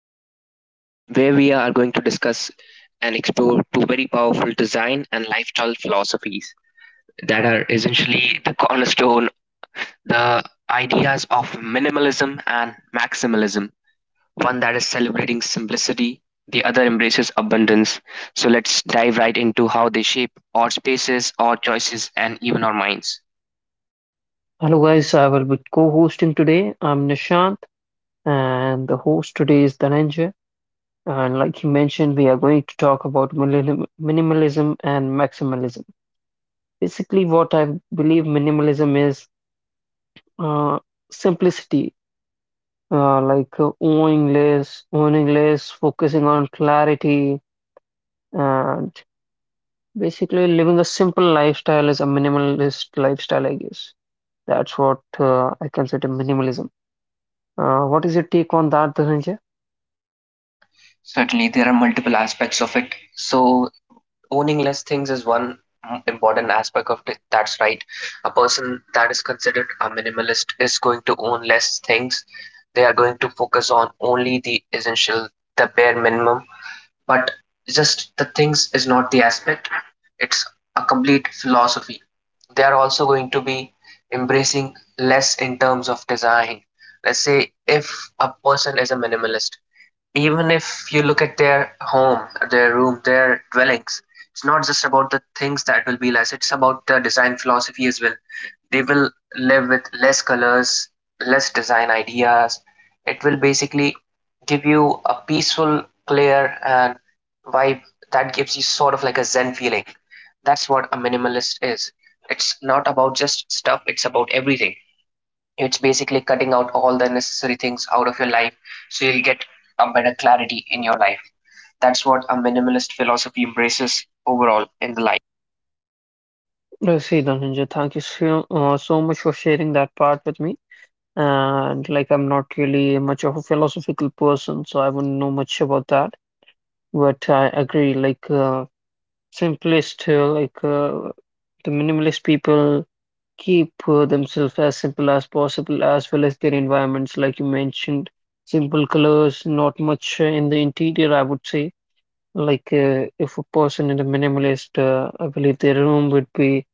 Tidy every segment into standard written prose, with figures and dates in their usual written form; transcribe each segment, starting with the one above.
special episode where we are going to discuss and explore two very powerful design and lifestyle philosophies that are essentially the cornerstone, the ideas of minimalism and maximalism. One that is celebrating simplicity, the other embraces abundance. So let's dive right into how they shape our spaces, our choices, and even our minds. Hello, guys. I will be co hosting today. I'm Nishant, and the host today is Dhananjay. And like he mentioned, we are going to talk about minimalism and maximalism. Basically, what I believe minimalism is uh, simplicity, owning less, focusing on clarity, and basically living a simple lifestyle is a minimalist lifestyle, I guess. That's what I consider minimalism. What is your take on that, Dhananjay? Certainly, there are multiple aspects of it. So owning less things is one important aspect of it. That's right. A person that is considered a minimalist is going to own less things. They are going to focus on only the essential, the bare minimum. But just the things is not the aspect. It's a complete philosophy. They are also going to be embracing less in terms of design. Let's say if a person is a minimalist, even if you look at their home, their room, their dwellings, it's not just about the things that will be less, it's about the design philosophy as well. They will live with less colors, less design ideas. It will basically give you a peaceful, clear, and vibe that gives you sort of like a Zen feeling. That's what a minimalist is. It's not about just stuff, it's about everything. It's basically cutting out all the necessary things out of your life so you'll get a better clarity in your life. That's what a minimalist philosophy embraces overall in the life. I see, Dhananjay. Thank you so much for sharing that part with me. And like, I'm not really much of a philosophical person, so I wouldn't know much about that. But I agree, simplest, uh, like, uh, the minimalist people keep themselves as simple as possible, as well as their environments, like you mentioned. Simple colors, not much in the interior, I would say. If a person in a minimalist, I believe their room would be.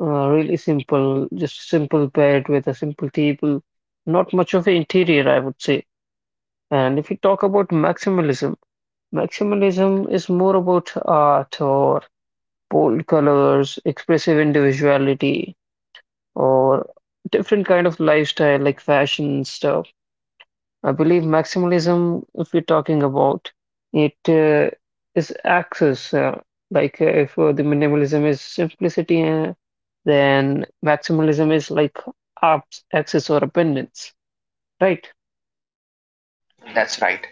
Really simple, just simple bed with a simple table, not much of an interior, I would say. And if we talk about maximalism, maximalism is more about art or bold colors, expressive individuality, or different kind of lifestyle like fashion stuff. I believe maximalism, if we're talking about it, uh, is access. Like if The minimalism is simplicity, then maximalism is like access or abundance, right? That's right.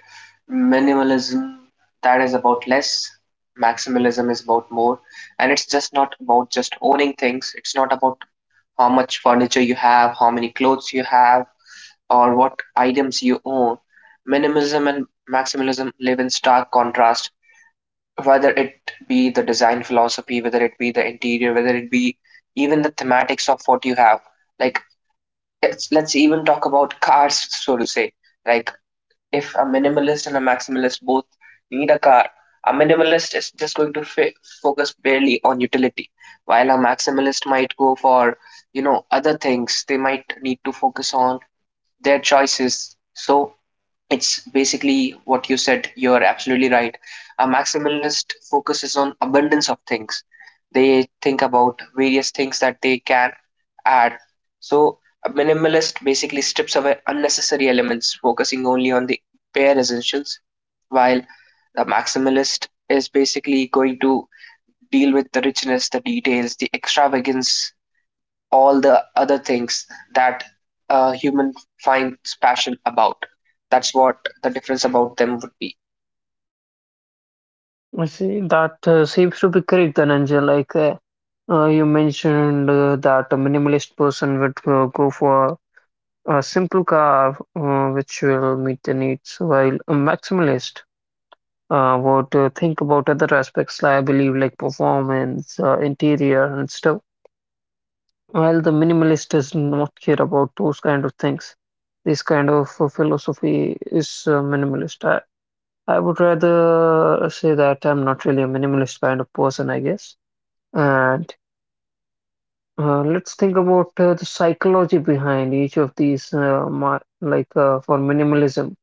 Minimalism that is about less, maximalism is about more, and it's just not about just owning things. It's not about how much furniture you have, how many clothes you have, or what items you own. Minimalism and maximalism live in stark contrast whether it be the design philosophy, whether it be the interior, whether it be even the thematics of what you have. Like let's even talk about cars, so to say. Like if a minimalist and a maximalist both need a car, a minimalist is just going to focus barely on utility, while a maximalist might go for you know other things. They might need to focus on their choices. So it's basically what you said, you're absolutely right. A maximalist focuses on abundance of things. They think about various things that they can add. So a minimalist basically strips away unnecessary elements, focusing only on the bare essentials, while the maximalist is basically going to deal with the richness, the details, the extravagance, all the other things that a human finds passion about. That's what the difference about them would be. I see that seems to be correct, Dhananjay. You mentioned that a minimalist person would go for a simple car which will meet the needs, while a maximalist would think about other aspects, I believe, like performance, interior, and stuff. While the minimalist does not care about those kind of things, this kind of philosophy is minimalist. I would rather say that I'm not really a minimalist kind of person, I guess. And let's think about the psychology behind each of these, my, like for minimalism.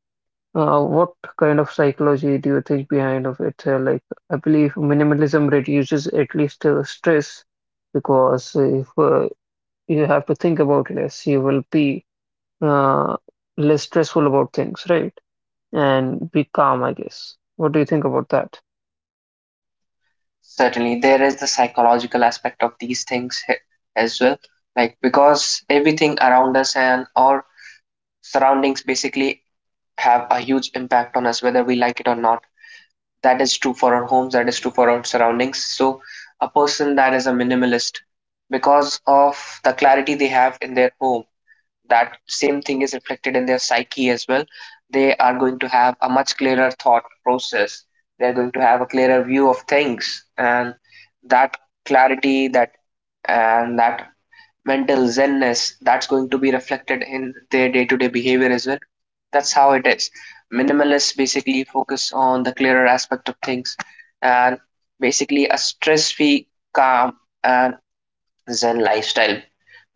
What kind of psychology do you think behind of it? I believe minimalism reduces at least stress because if you have to think about less, you will be uh, less stressful about things, right? And be calm, I guess. What do you think about that? Certainly, there is the psychological aspect of these things as well. Like, because everything around us and our surroundings basically have a huge impact on us, whether we like it or not. That is true for our homes, that is true for our surroundings. So, a person that is a minimalist, because of the clarity they have in their home, that same thing is reflected in their psyche as well. They are going to have a much clearer thought process. They're going to have a clearer view of things, and that clarity, that, and that mental zenness, that's going to be reflected in their day-to-day behavior as well. That's how it is. Minimalists basically focus on the clearer aspect of things and basically a stress-free, calm, and Zen lifestyle.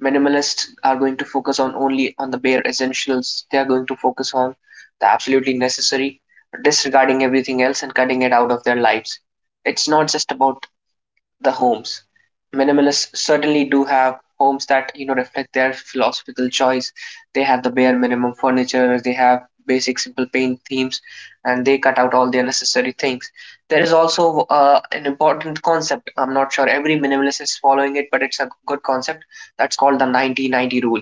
Minimalists are going to focus on only on the bare essentials. They are going to focus on the absolutely necessary, disregarding everything else and cutting it out of their lives. It's not just about the homes. Minimalists certainly do have homes that you know reflect their philosophical choice. They have the bare minimum furniture, they have basic simple paint themes, and they cut out all the unnecessary things. There is also an important concept. I'm not sure every minimalist is following it, but it's a good concept. That's called the 90-90 rule.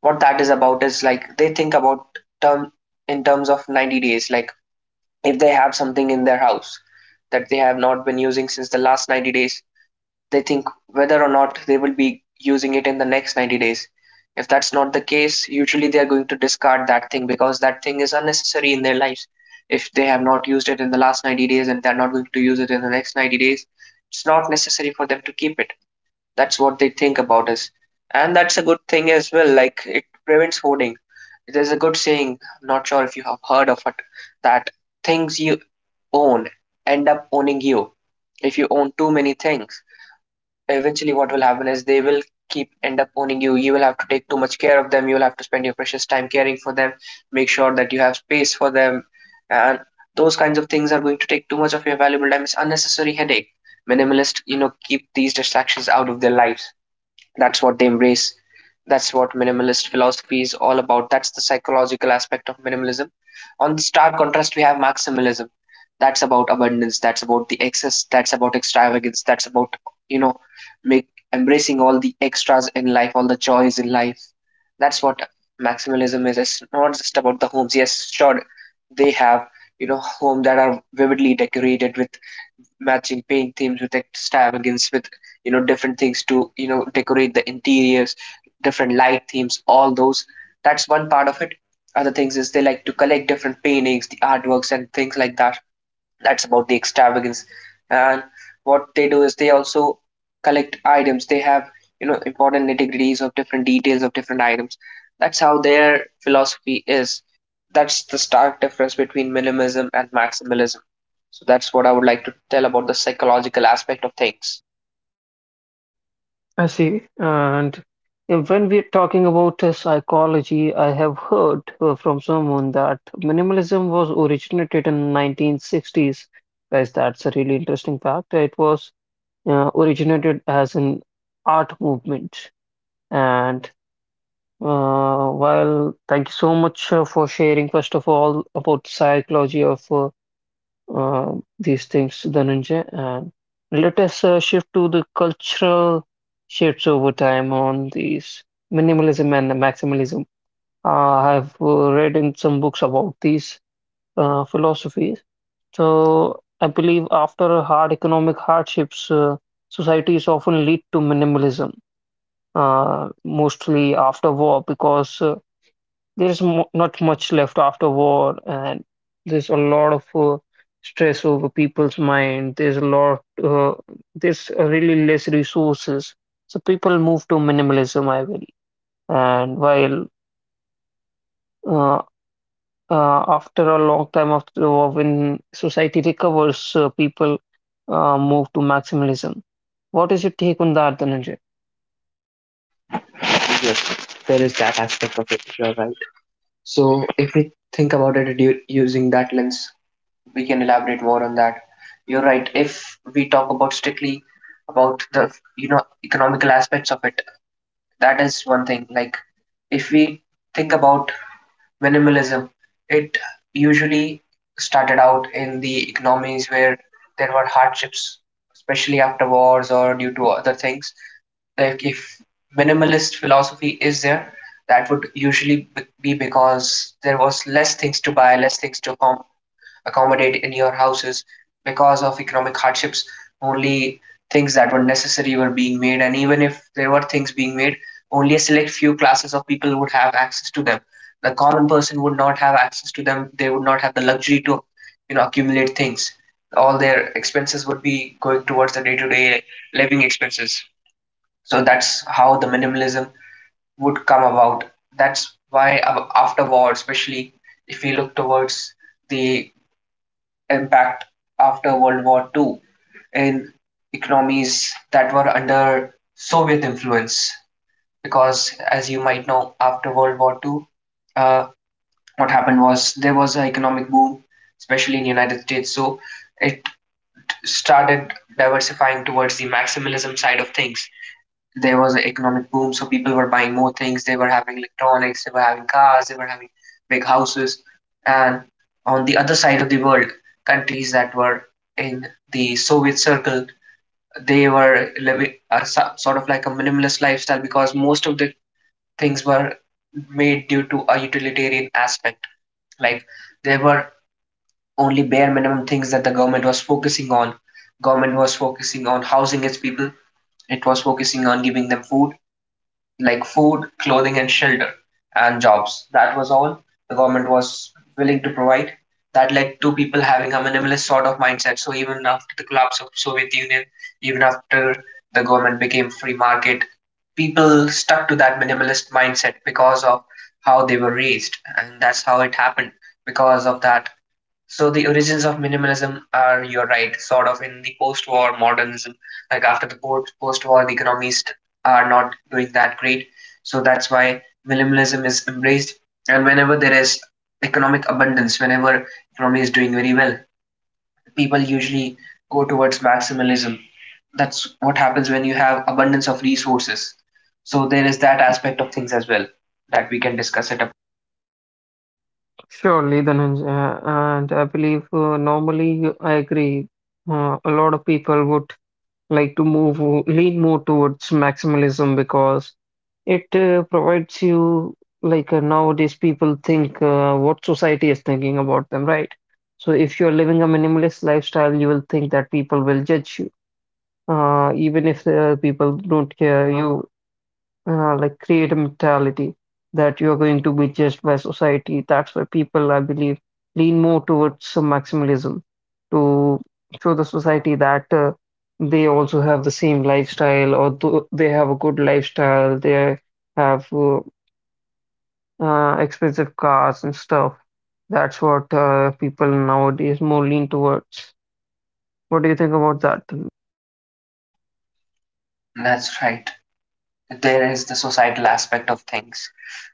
What that is about is like they think about term in terms of 90 days. Like if they have something in their house that they have not been using since the last 90 days, they think whether or not they will be using it in the next 90 days. If that's not the case, usually they are going to discard that thing because that thing is unnecessary in their lives. If they have not used it in the last 90 days and they're not going to use it in the next 90 days, it's not necessary for them to keep it. That's what they think about us, and that's a good thing as well. Like, it prevents hoarding. There's a good saying, I'm not sure if you have heard of it, that things you own end up owning you. If you own too many things, eventually what will happen is they will keep end up owning you. You will have to take too much care of them, you will have to spend your precious time caring for them, make sure that you have space for them, and those kinds of things are going to take too much of your valuable time. It's unnecessary headache. Minimalist, you know, keep these distractions out of their lives. That's what they embrace. That's what minimalist philosophy is all about. That's the psychological aspect of minimalism. On the stark contrast, we have maximalism. That's about abundance. That's about the excess. That's about extravagance. That's about, you know, make embracing all the extras in life, all the joys in life. That's what maximalism is. It's not just about the homes. Yes, sure, they have, you know, homes that are vividly decorated with matching paint themes, with extravagance, with you know different things to you know decorate the interiors, different light themes, all those. That's one part of it. Other things is they like to collect different paintings, the artworks and things like that. That's about the extravagance. And what they do is they also collect items. They have you know important nitty gritties of different details of different items. That's how their philosophy is. That's the stark difference between minimalism and maximalism. So that's what I would like to tell about the psychological aspect of things. I see. And when we're talking about psychology, I have heard from someone that minimalism was originated in 1960s. Guys, that's a really interesting fact. It was originated as an art movement. And while thank you so much for sharing, first of all, about psychology of uh, these things, Dhananjay. And let us shift to the cultural shifts over time on these minimalism and maximalism. I have read in some books about these philosophies. So I believe after hard economic hardships, societies often lead to minimalism mostly after war because there's mo not much left after war, and there's a lot of stress over people's mind. There's really less resources. So people move to minimalism, I will. And while uh, after a long time after the war, when society recovers, people move to maximalism. What is your take on that, Dhananjay? Yes, there is that aspect of it. You're right. So if we think about it using that lens, we can elaborate more on that. You're right. If we talk about strictly about the you know economical aspects of it, that is one thing. Like if we think about minimalism, it usually started out in the economies where there were hardships, especially after wars or due to other things. Like if minimalist philosophy is there, that would usually be because there was less things to buy, less things to accommodate in your houses because of economic hardships. Only things that were necessary were being made, and even if there were things being made, only a select few classes of people would have access to them. The common person would not have access to them. They would not have the luxury to you know accumulate things. All their expenses would be going towards the day-to-day living expenses. So that's how the minimalism would come about. That's why after war, especially if we look towards the impact after World War Two in economies that were under Soviet influence, because as you might know, after World War Two, uh, what happened was there was an economic boom, especially in United States. So it started diversifying towards the maximalism side of things. There was an economic boom, so people were buying more things. They were having electronics, they were having cars, they were having big houses. And on the other side of the world, countries that were in the Soviet circle, they were living a sort of like a minimalist lifestyle because most of the things were made due to a utilitarian aspect. Like there were only bare minimum things that the government was focusing on. Government was focusing on housing its people. It was focusing on giving them food, like food, clothing, and shelter, and jobs. That was all the government was willing to provide. That led to people having a minimalist sort of mindset. So even after the collapse of Soviet Union, even after the government became free market, people stuck to that minimalist mindset because of how they were raised, and that's how it happened. Because of that, so the origins of minimalism are, you're right, sort of in the post-war modernism. Like after the post-war, the economists are not doing that great. So that's why minimalism is embraced. And whenever there is economic abundance, whenever economy is doing very well, people usually go towards maximalism. That's what happens when you have abundance of resources. So there is that aspect of things as well that we can discuss it. Up. Surely, Dhananjay, and I believe normally I agree. A lot of people would like to move, lean more towards maximalism because it provides you nowadays people think what society is thinking about them, right? So if you're living a minimalist lifestyle, you will think that people will judge you, even if people don't care you create a mentality that you're going to be judged by society. That's why people, I believe, lean more towards some maximalism to show the society that they also have the same lifestyle or th they have a good lifestyle, they have expensive cars and stuff. That's what people nowadays more lean towards. What do you think about that? That's right. There is the societal aspect of things.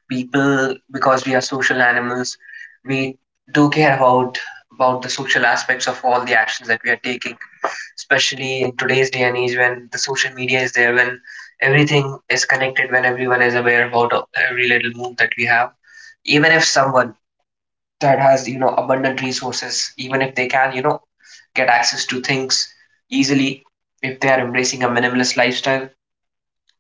People, because we are social animals, we do care about the social aspects of all the actions that we are taking, especially in today's day and age, when the social media is there, when everything is connected, when everyone is aware about every little move that we have. Even if someone that has, you know, abundant resources, even if they can, you know, get access to things easily, if they are embracing a minimalist lifestyle,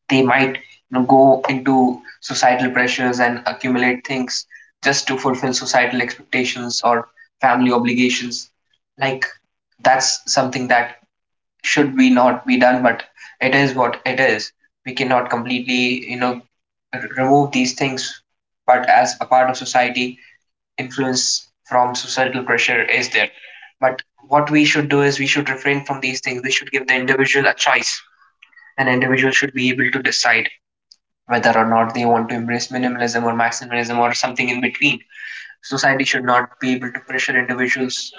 they might, go into societal pressures and accumulate things just to fulfill societal expectations or family obligations. Like, that's something that should be not be done, but it is what it is. We cannot completely, remove these things, but as a part of society, influence from societal pressure is there. But what we should do is we should refrain from these things. We should give the individual a choice. An individual should be able to decide whether or not they want to embrace minimalism or maximalism or something in between. Society should not be able to pressure individuals.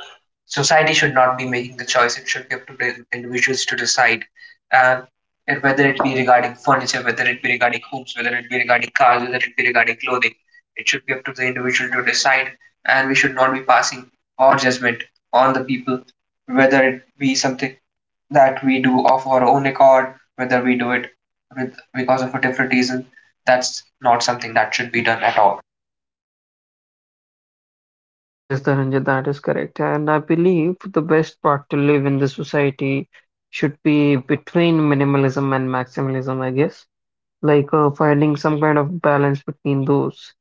Society should not be making the choice. It should be up to the individuals to decide. uh, And whether it be regarding furniture, whether it be regarding homes, whether it be regarding cars, whether it be regarding clothing, it should be up to the individual to decide. And we should not be passing our judgment on the people, whether it be something that we do of our own accord, whether we do it with because of a different reason, that's not something that should be done at all. Yes, Dhananjay, that is correct. And I believe the best part to live in the society should be between minimalism and maximalism, I guess. Finding some kind of balance between those,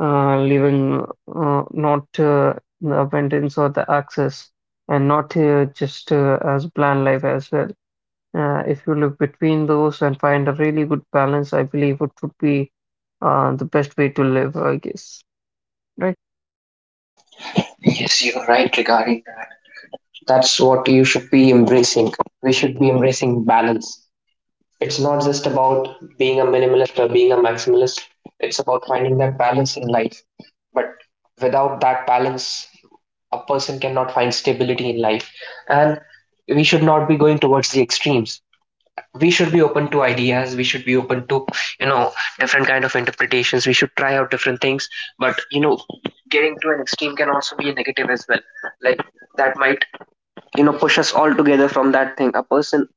living not the abundance or the access, and not just as bland life as well. If you live between those and find a really good balance, I believe it would be the best way to live, I guess. Right? Yes, you're right regarding that. That's what you should be embracing. We should be embracing balance. It's not just about being a minimalist or being a maximalist, it's about finding that balance in life. But without that balance, a person cannot find stability in life. And we should not be going towards the extremes. We should be open to ideas. We should be open to, you know, different kind of interpretations. We should try out different things. But, you know, getting to an extreme can also be a negative as well. Like, that might, you know, push us all together from that thing. A person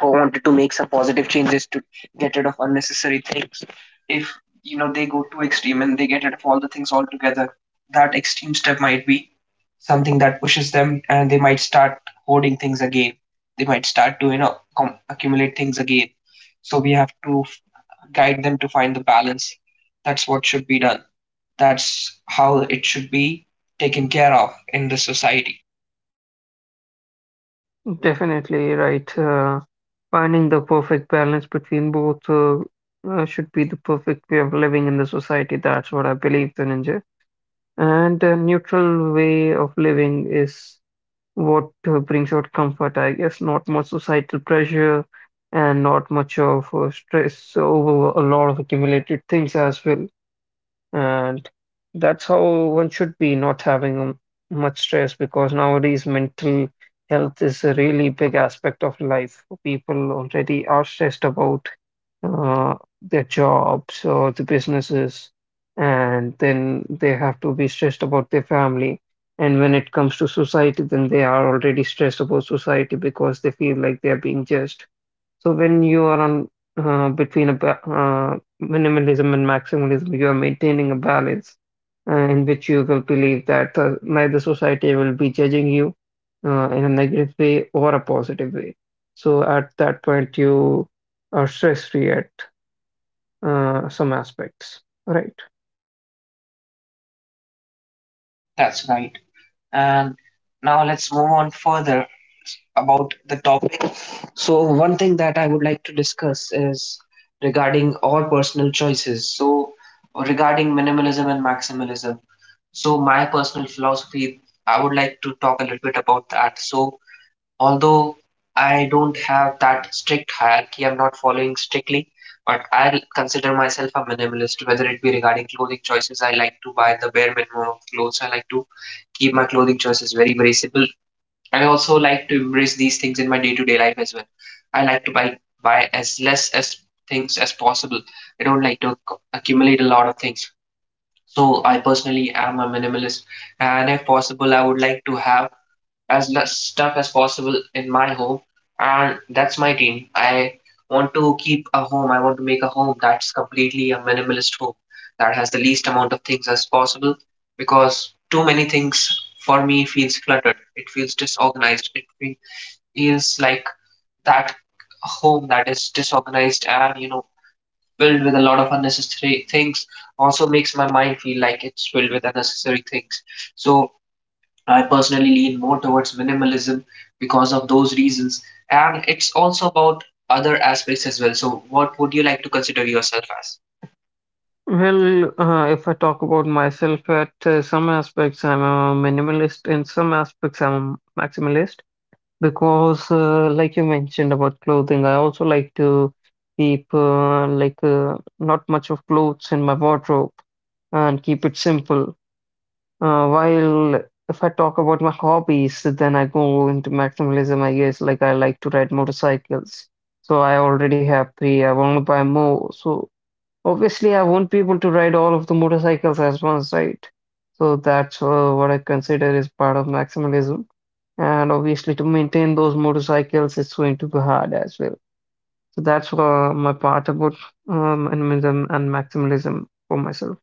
who wanted to make some positive changes, to get rid of unnecessary things, if, you know, they go too extreme and they get rid of all the things altogether, that extreme step might be something that pushes them, and they might start hoarding things again. They might start to, accumulate things again. So we have to guide them to find the balance. That's what should be done. That's how it should be taken care of in the society. Definitely right. Finding the perfect balance between both should be the perfect way of living in the society. That's what I believe, Dhananjay. And a neutral way of living is what brings out comfort, I guess. Not much societal pressure and not much of stress over a lot of accumulated things as well. And that's how one should be, not having much stress, because nowadays mental health is a really big aspect of life. People already are stressed about uh, their jobs or the businesses, and then they have to be stressed about their family. And when it comes to society, then they are already stressed about society because they feel like they are being judged. So when you are on between minimalism and maximalism, you are maintaining a balance in which you will believe that neither society will be judging you in a negative way or a positive way. So at that point, you are stress free at some aspects. Right. That's right. And now let's move on further about the topic. So, one thing that I would like to discuss is regarding our personal choices. So, regarding minimalism and maximalism. So, my personal philosophy, I would like to talk a little bit about that. So, although I don't have that strict hierarchy, I'm not following strictly, but I consider myself a minimalist, whether it be regarding clothing choices. I like to buy the bare minimum of clothes. I like to keep my clothing choices very, very simple. I also like to embrace these things in my day-to-day life as well. I like to buy as less as things as possible. I don't like to accumulate a lot of things. So I personally am a minimalist, and if possible, I would like to have as less stuff as possible in my home. And that's my dream. I want to keep a home. I want to make a home that's completely a minimalist home, that has the least amount of things as possible. Because too many things, for me, feels cluttered. It feels disorganized. It feels like that home that is disorganized and, you know, filled with a lot of unnecessary things also makes my mind feel like it's filled with unnecessary things. So I personally lean more towards minimalism because of those reasons. And it's also about other aspects as well. So, what would you like to consider yourself as? Well, if I talk about myself, at some aspects I'm a minimalist, in some aspects I'm a maximalist. Because, like you mentioned about clothing, I also like to keep not much of clothes in my wardrobe and keep it simple. While if I talk about my hobbies, then I go into maximalism, I guess. Like I like to ride motorcycles, so I already have three. I want to buy more, so obviously I won't be able to ride all of the motorcycles as once, right? So that's what I consider is part of maximalism. And obviously, to maintain those motorcycles, it's going to be hard as well. So that's my part about minimalism and maximalism for myself.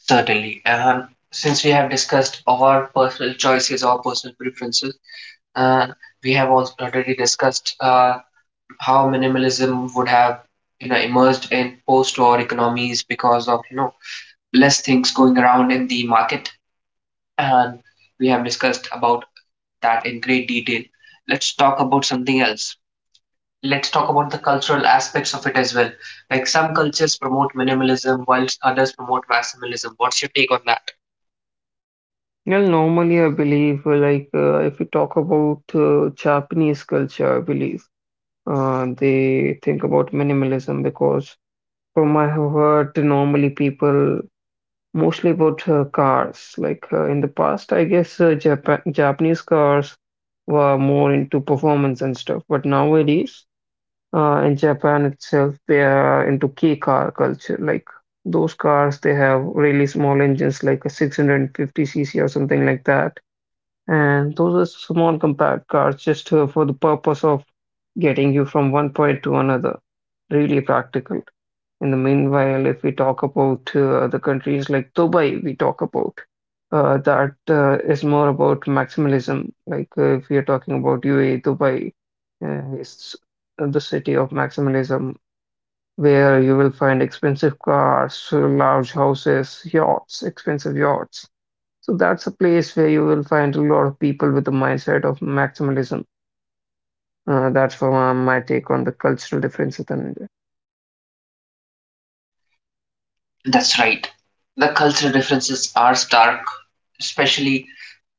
Certainly. And since we have discussed our personal choices, our personal preferences, and we have also already discussed how minimalism would have, you know, emerged in post-war economies because of, you know, less things going around in the market, and we have discussed about that in great detail. Let's talk about something else. Let's talk about the cultural aspects of it as well. Like, some cultures promote minimalism, whilst others promote maximalism. What's your take on that? Well, normally, I believe, if we talk about Japanese culture, I believe they think about minimalism because, from I have heard, normally people mostly about cars. In the past, I guess Japanese cars were more into performance and stuff, but nowadays in Japan itself, they are into kei car culture. Like those cars, they have really small engines, like a 650 cc or something like that. And those are small compact cars just for the purpose of getting you from one point to another. Really practical. In the meanwhile, if we talk about the countries like Dubai, we talk about that is more about maximalism. If we are talking about UAE, Dubai is the city of maximalism, where you will find expensive cars, large houses, yachts, expensive yachts. So that's a place where you will find a lot of people with the mindset of maximalism. That's for my take on the cultural differences in India. That's right. The cultural differences are stark, especially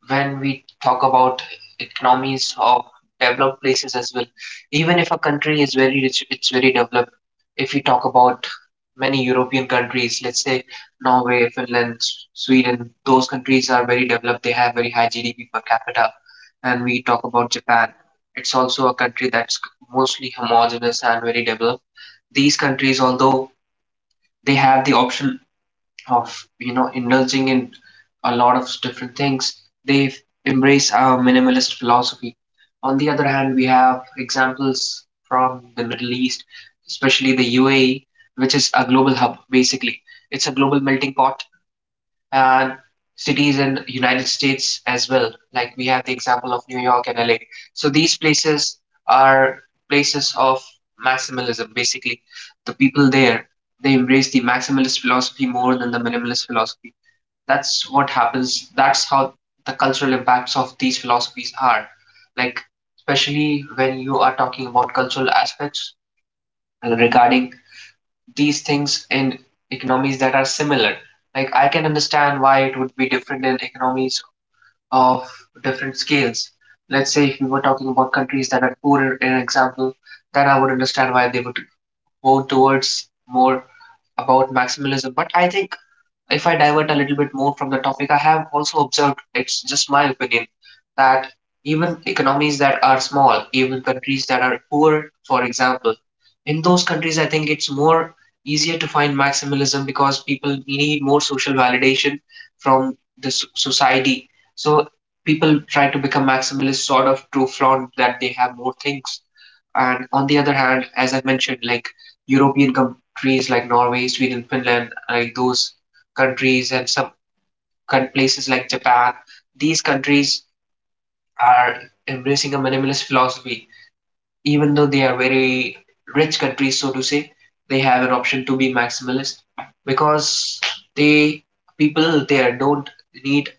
when we talk about economies of developed places as well. Even if a country is very rich, it's very developed, if we talk about many European countries, let's say Norway, Finland, Sweden, those countries are very developed. They have very high GDP per capita. And we talk about Japan, it's also a country that's mostly homogeneous and very developed. These countries, although they have the option of, you know, indulging in a lot of different things, they embrace a minimalist philosophy. On the other hand, we have examples from the Middle East, especially the UAE, which is a global hub, basically. It's a global melting pot. And cities in United States as well. Like, we have the example of New York and LA. So these places are places of maximalism. Basically, the people there, they embrace the maximalist philosophy more than the minimalist philosophy. That's what happens. That's how the cultural impacts of these philosophies are. Like, especially when you are talking about cultural aspects regarding these things in economies that are similar. Like, I can understand why it would be different in economies of different scales. Let's say if we were talking about countries that are poorer, in example, then I would understand why they would go towards more about maximalism. But I think, if I divert a little bit more from the topic, I have also observed, it's just my opinion, that even economies that are small, even countries that are poor, for example, in those countries, I think it's more easier to find maximalism because people need more social validation from the society. So people try to become maximalist sort of to flaunt that they have more things. And on the other hand, as I mentioned, like, European countries like Norway, Sweden, Finland, like those countries and some places like Japan, these countries are embracing a minimalist philosophy. Even though they are very rich countries, so to say, they have an option to be maximalist, because they, people there don't need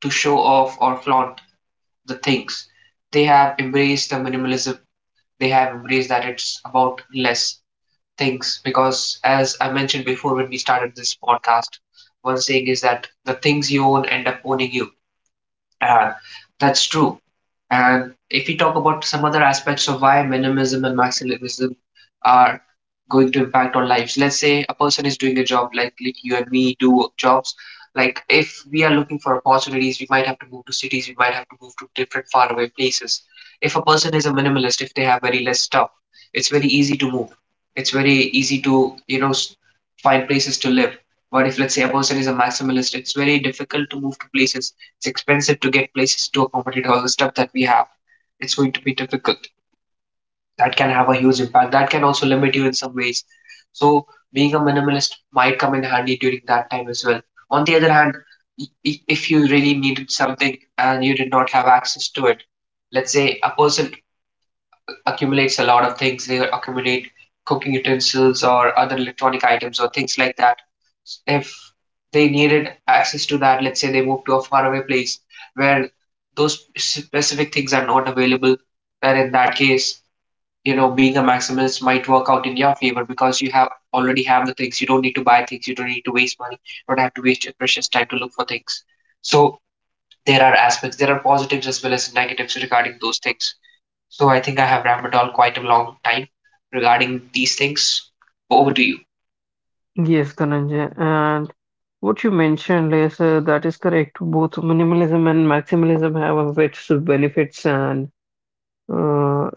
to show off or flaunt the things. They have embraced the minimalism. They have embraced that it's about less things. Because, as I mentioned before, when we started this podcast, one saying is that the things you own end up owning you. Yeah, that's true. And if we talk about some other aspects of why minimalism and maximalism are going to impact on lives, let's say a person is doing a job, like you and me do jobs. Like, if we are looking for opportunities, we might have to move to cities, we might have to move to different faraway places. If a person is a minimalist, if they have very less stuff, it's very easy to move. It's very easy to, you know, find places to live. But if, let's say, a person is a maximalist, it's very difficult to move to places. It's expensive to get places to accommodate all the stuff that we have. It's going to be difficult. That can have a huge impact. That can also limit you in some ways. So being a minimalist might come in handy during that time as well. On the other hand, i- if you really needed something and you did not have access to it, let's say a person accumulates a lot of things. They accumulate cooking utensils or other electronic items or things like that. If they needed access to that, let's say they move to a faraway place where those specific things are not available, then in that case, you know, being a maximalist might work out in your favor because you have already have the things. You don't need to buy things. You don't need to waste money. You don't have to waste your precious time to look for things. So there are aspects. There are positives as well as negatives regarding those things. So I think I have rambled on quite a long time regarding these things. Over to you. Yes, Dhananjay. And what you mentioned is that is correct. Both minimalism and maximalism have of its benefits, and uh,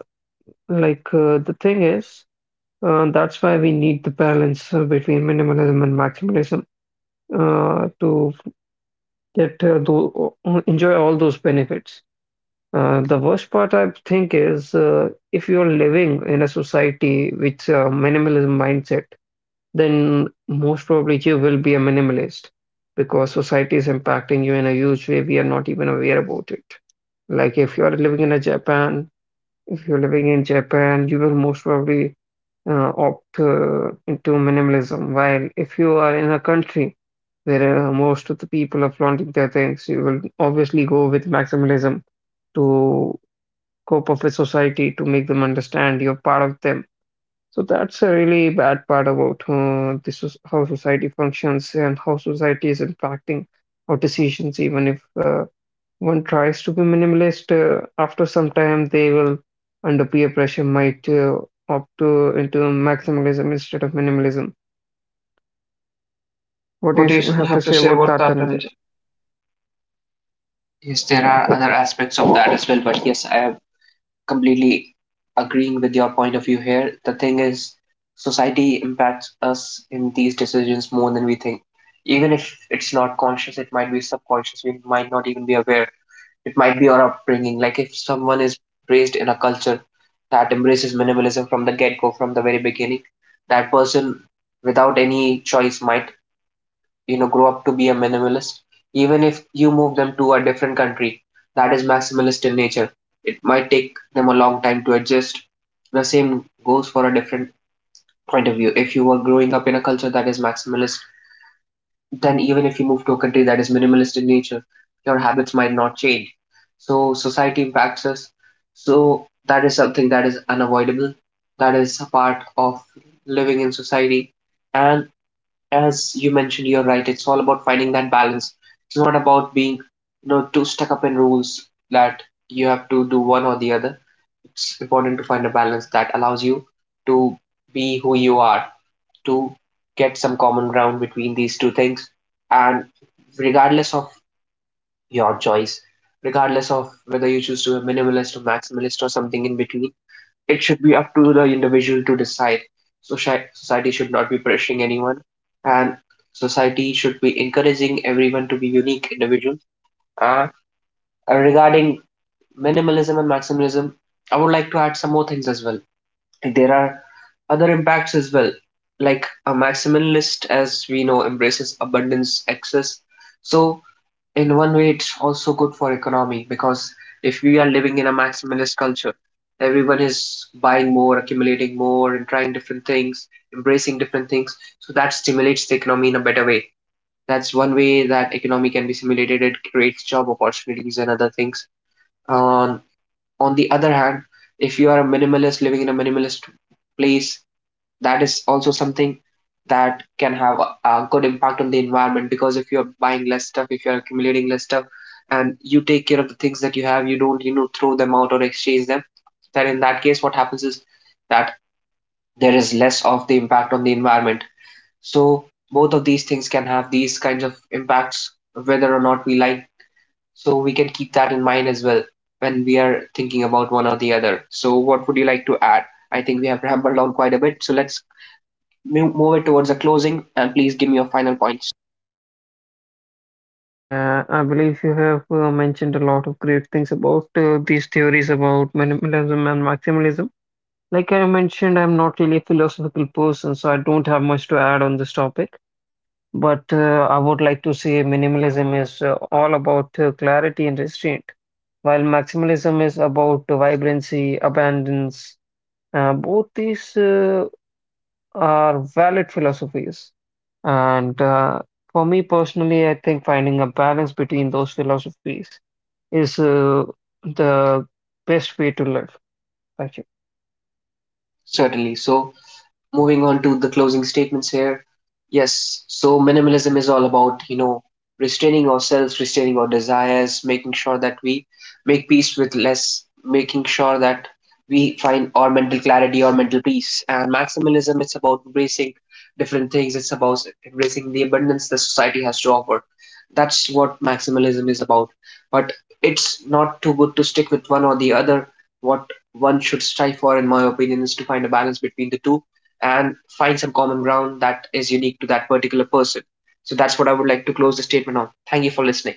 the thing is, that's why we need the balance between minimalism and maximalism to get enjoy all those benefits. The worst part, I think, is if you're living in a society with minimalism mindset, then most probably you will be a minimalist because society is impacting you in a huge way. We are not even aware about it. Like if you are living in a Japan, if you're living in Japan, you will most probably opt into minimalism. While if you are in a country where most of the people are flaunting their things, you will obviously go with maximalism to cope up with society to make them understand you're part of them. So that's a really bad part about this is how society functions and how society is impacting our decisions. Even if one tries to be minimalist, after some time they will, under peer pressure, might opt to into maximalism instead of minimalism. What do What you do you have to have to say say about about that, that? Tanja? And yes, there are other aspects of that as well, but yes, I am completely agreeing with your point of view here. The thing is, society impacts us in these decisions more than we think. Even if it's not conscious, it might be subconscious. We might not even be aware. It might be your upbringing. Like if someone is raised in a culture that embraces minimalism from the get-go, from the very beginning, that person, without any choice, might, grow up to be a minimalist. Even if you move them to a different country that is maximalist in nature, it might take them a long time to adjust. The same goes for a different point of view. If you were growing up in a culture that is maximalist, then even if you move to a country that is minimalist in nature, your habits might not change. So society impacts us. So that is something that is unavoidable. That is a part of living in society. And as you mentioned, you're right. It's all about finding that balance. It's not about being, too stuck up in rules that you have to do one or the other. It's important to find a balance that allows you to be who you are to get some common ground between these two things. And regardless of your choice, regardless of whether you choose to be minimalist or maximalist or something in between, it should be up to the individual to decide. So society should not be pressuring anyone, and society should be encouraging everyone to be unique individuals. Uh, Regarding minimalism and maximalism, I would like to add some more things as well. There are other impacts as well, like a maximalist, as we know, embraces abundance, excess. So, in one way, it's also good for economy because if we are living in a maximalist culture, everyone is buying more, accumulating more, and trying different things, embracing different things. So that stimulates the economy in a better way. That's one way that economy can be stimulated. It creates job opportunities and other things. Um, on the other hand, if you are a minimalist living in a minimalist place, that is also something that can have a good impact on the environment, because if you're buying less stuff, if you're accumulating less stuff and you take care of the things that you have, you don't, throw them out or exchange them, then in that case what happens is that there is less of the impact on the environment. So both of these things can have these kinds of impacts, whether or not we like. So we can keep that in mind as well when we are thinking about one or the other. So what would you like to add? I think we have rambled on quite a bit, so let's move, it towards a closing, and please give me your final points. Yes, Dhananjay, I believe you have mentioned a lot of great things about these theories about minimalism and maximalism. Like I mentioned, I'm not really a philosophical person, so I don't have much to add on this topic. But I would like to say minimalism is all about clarity and restraint, while maximalism is about vibrancy, abundance. Both these are valid philosophies. And for me personally, I think finding a balance between those philosophies is the best way to live. Thank you. Certainly. So moving on to the closing statements here. Yes, so minimalism is all about, restraining ourselves, restraining our desires, making sure that we make peace with less, making sure that we find our mental clarity, our mental peace. And maximalism, it's about embracing different things, it's about embracing the abundance that society has to offer. That's what maximalism is about. But it's not too good to stick with one or the other. What one should strive for, in my opinion, is to find a balance between the two and find some common ground that is unique to that particular person. So that's what I would like to close the statement on. Thank you for listening.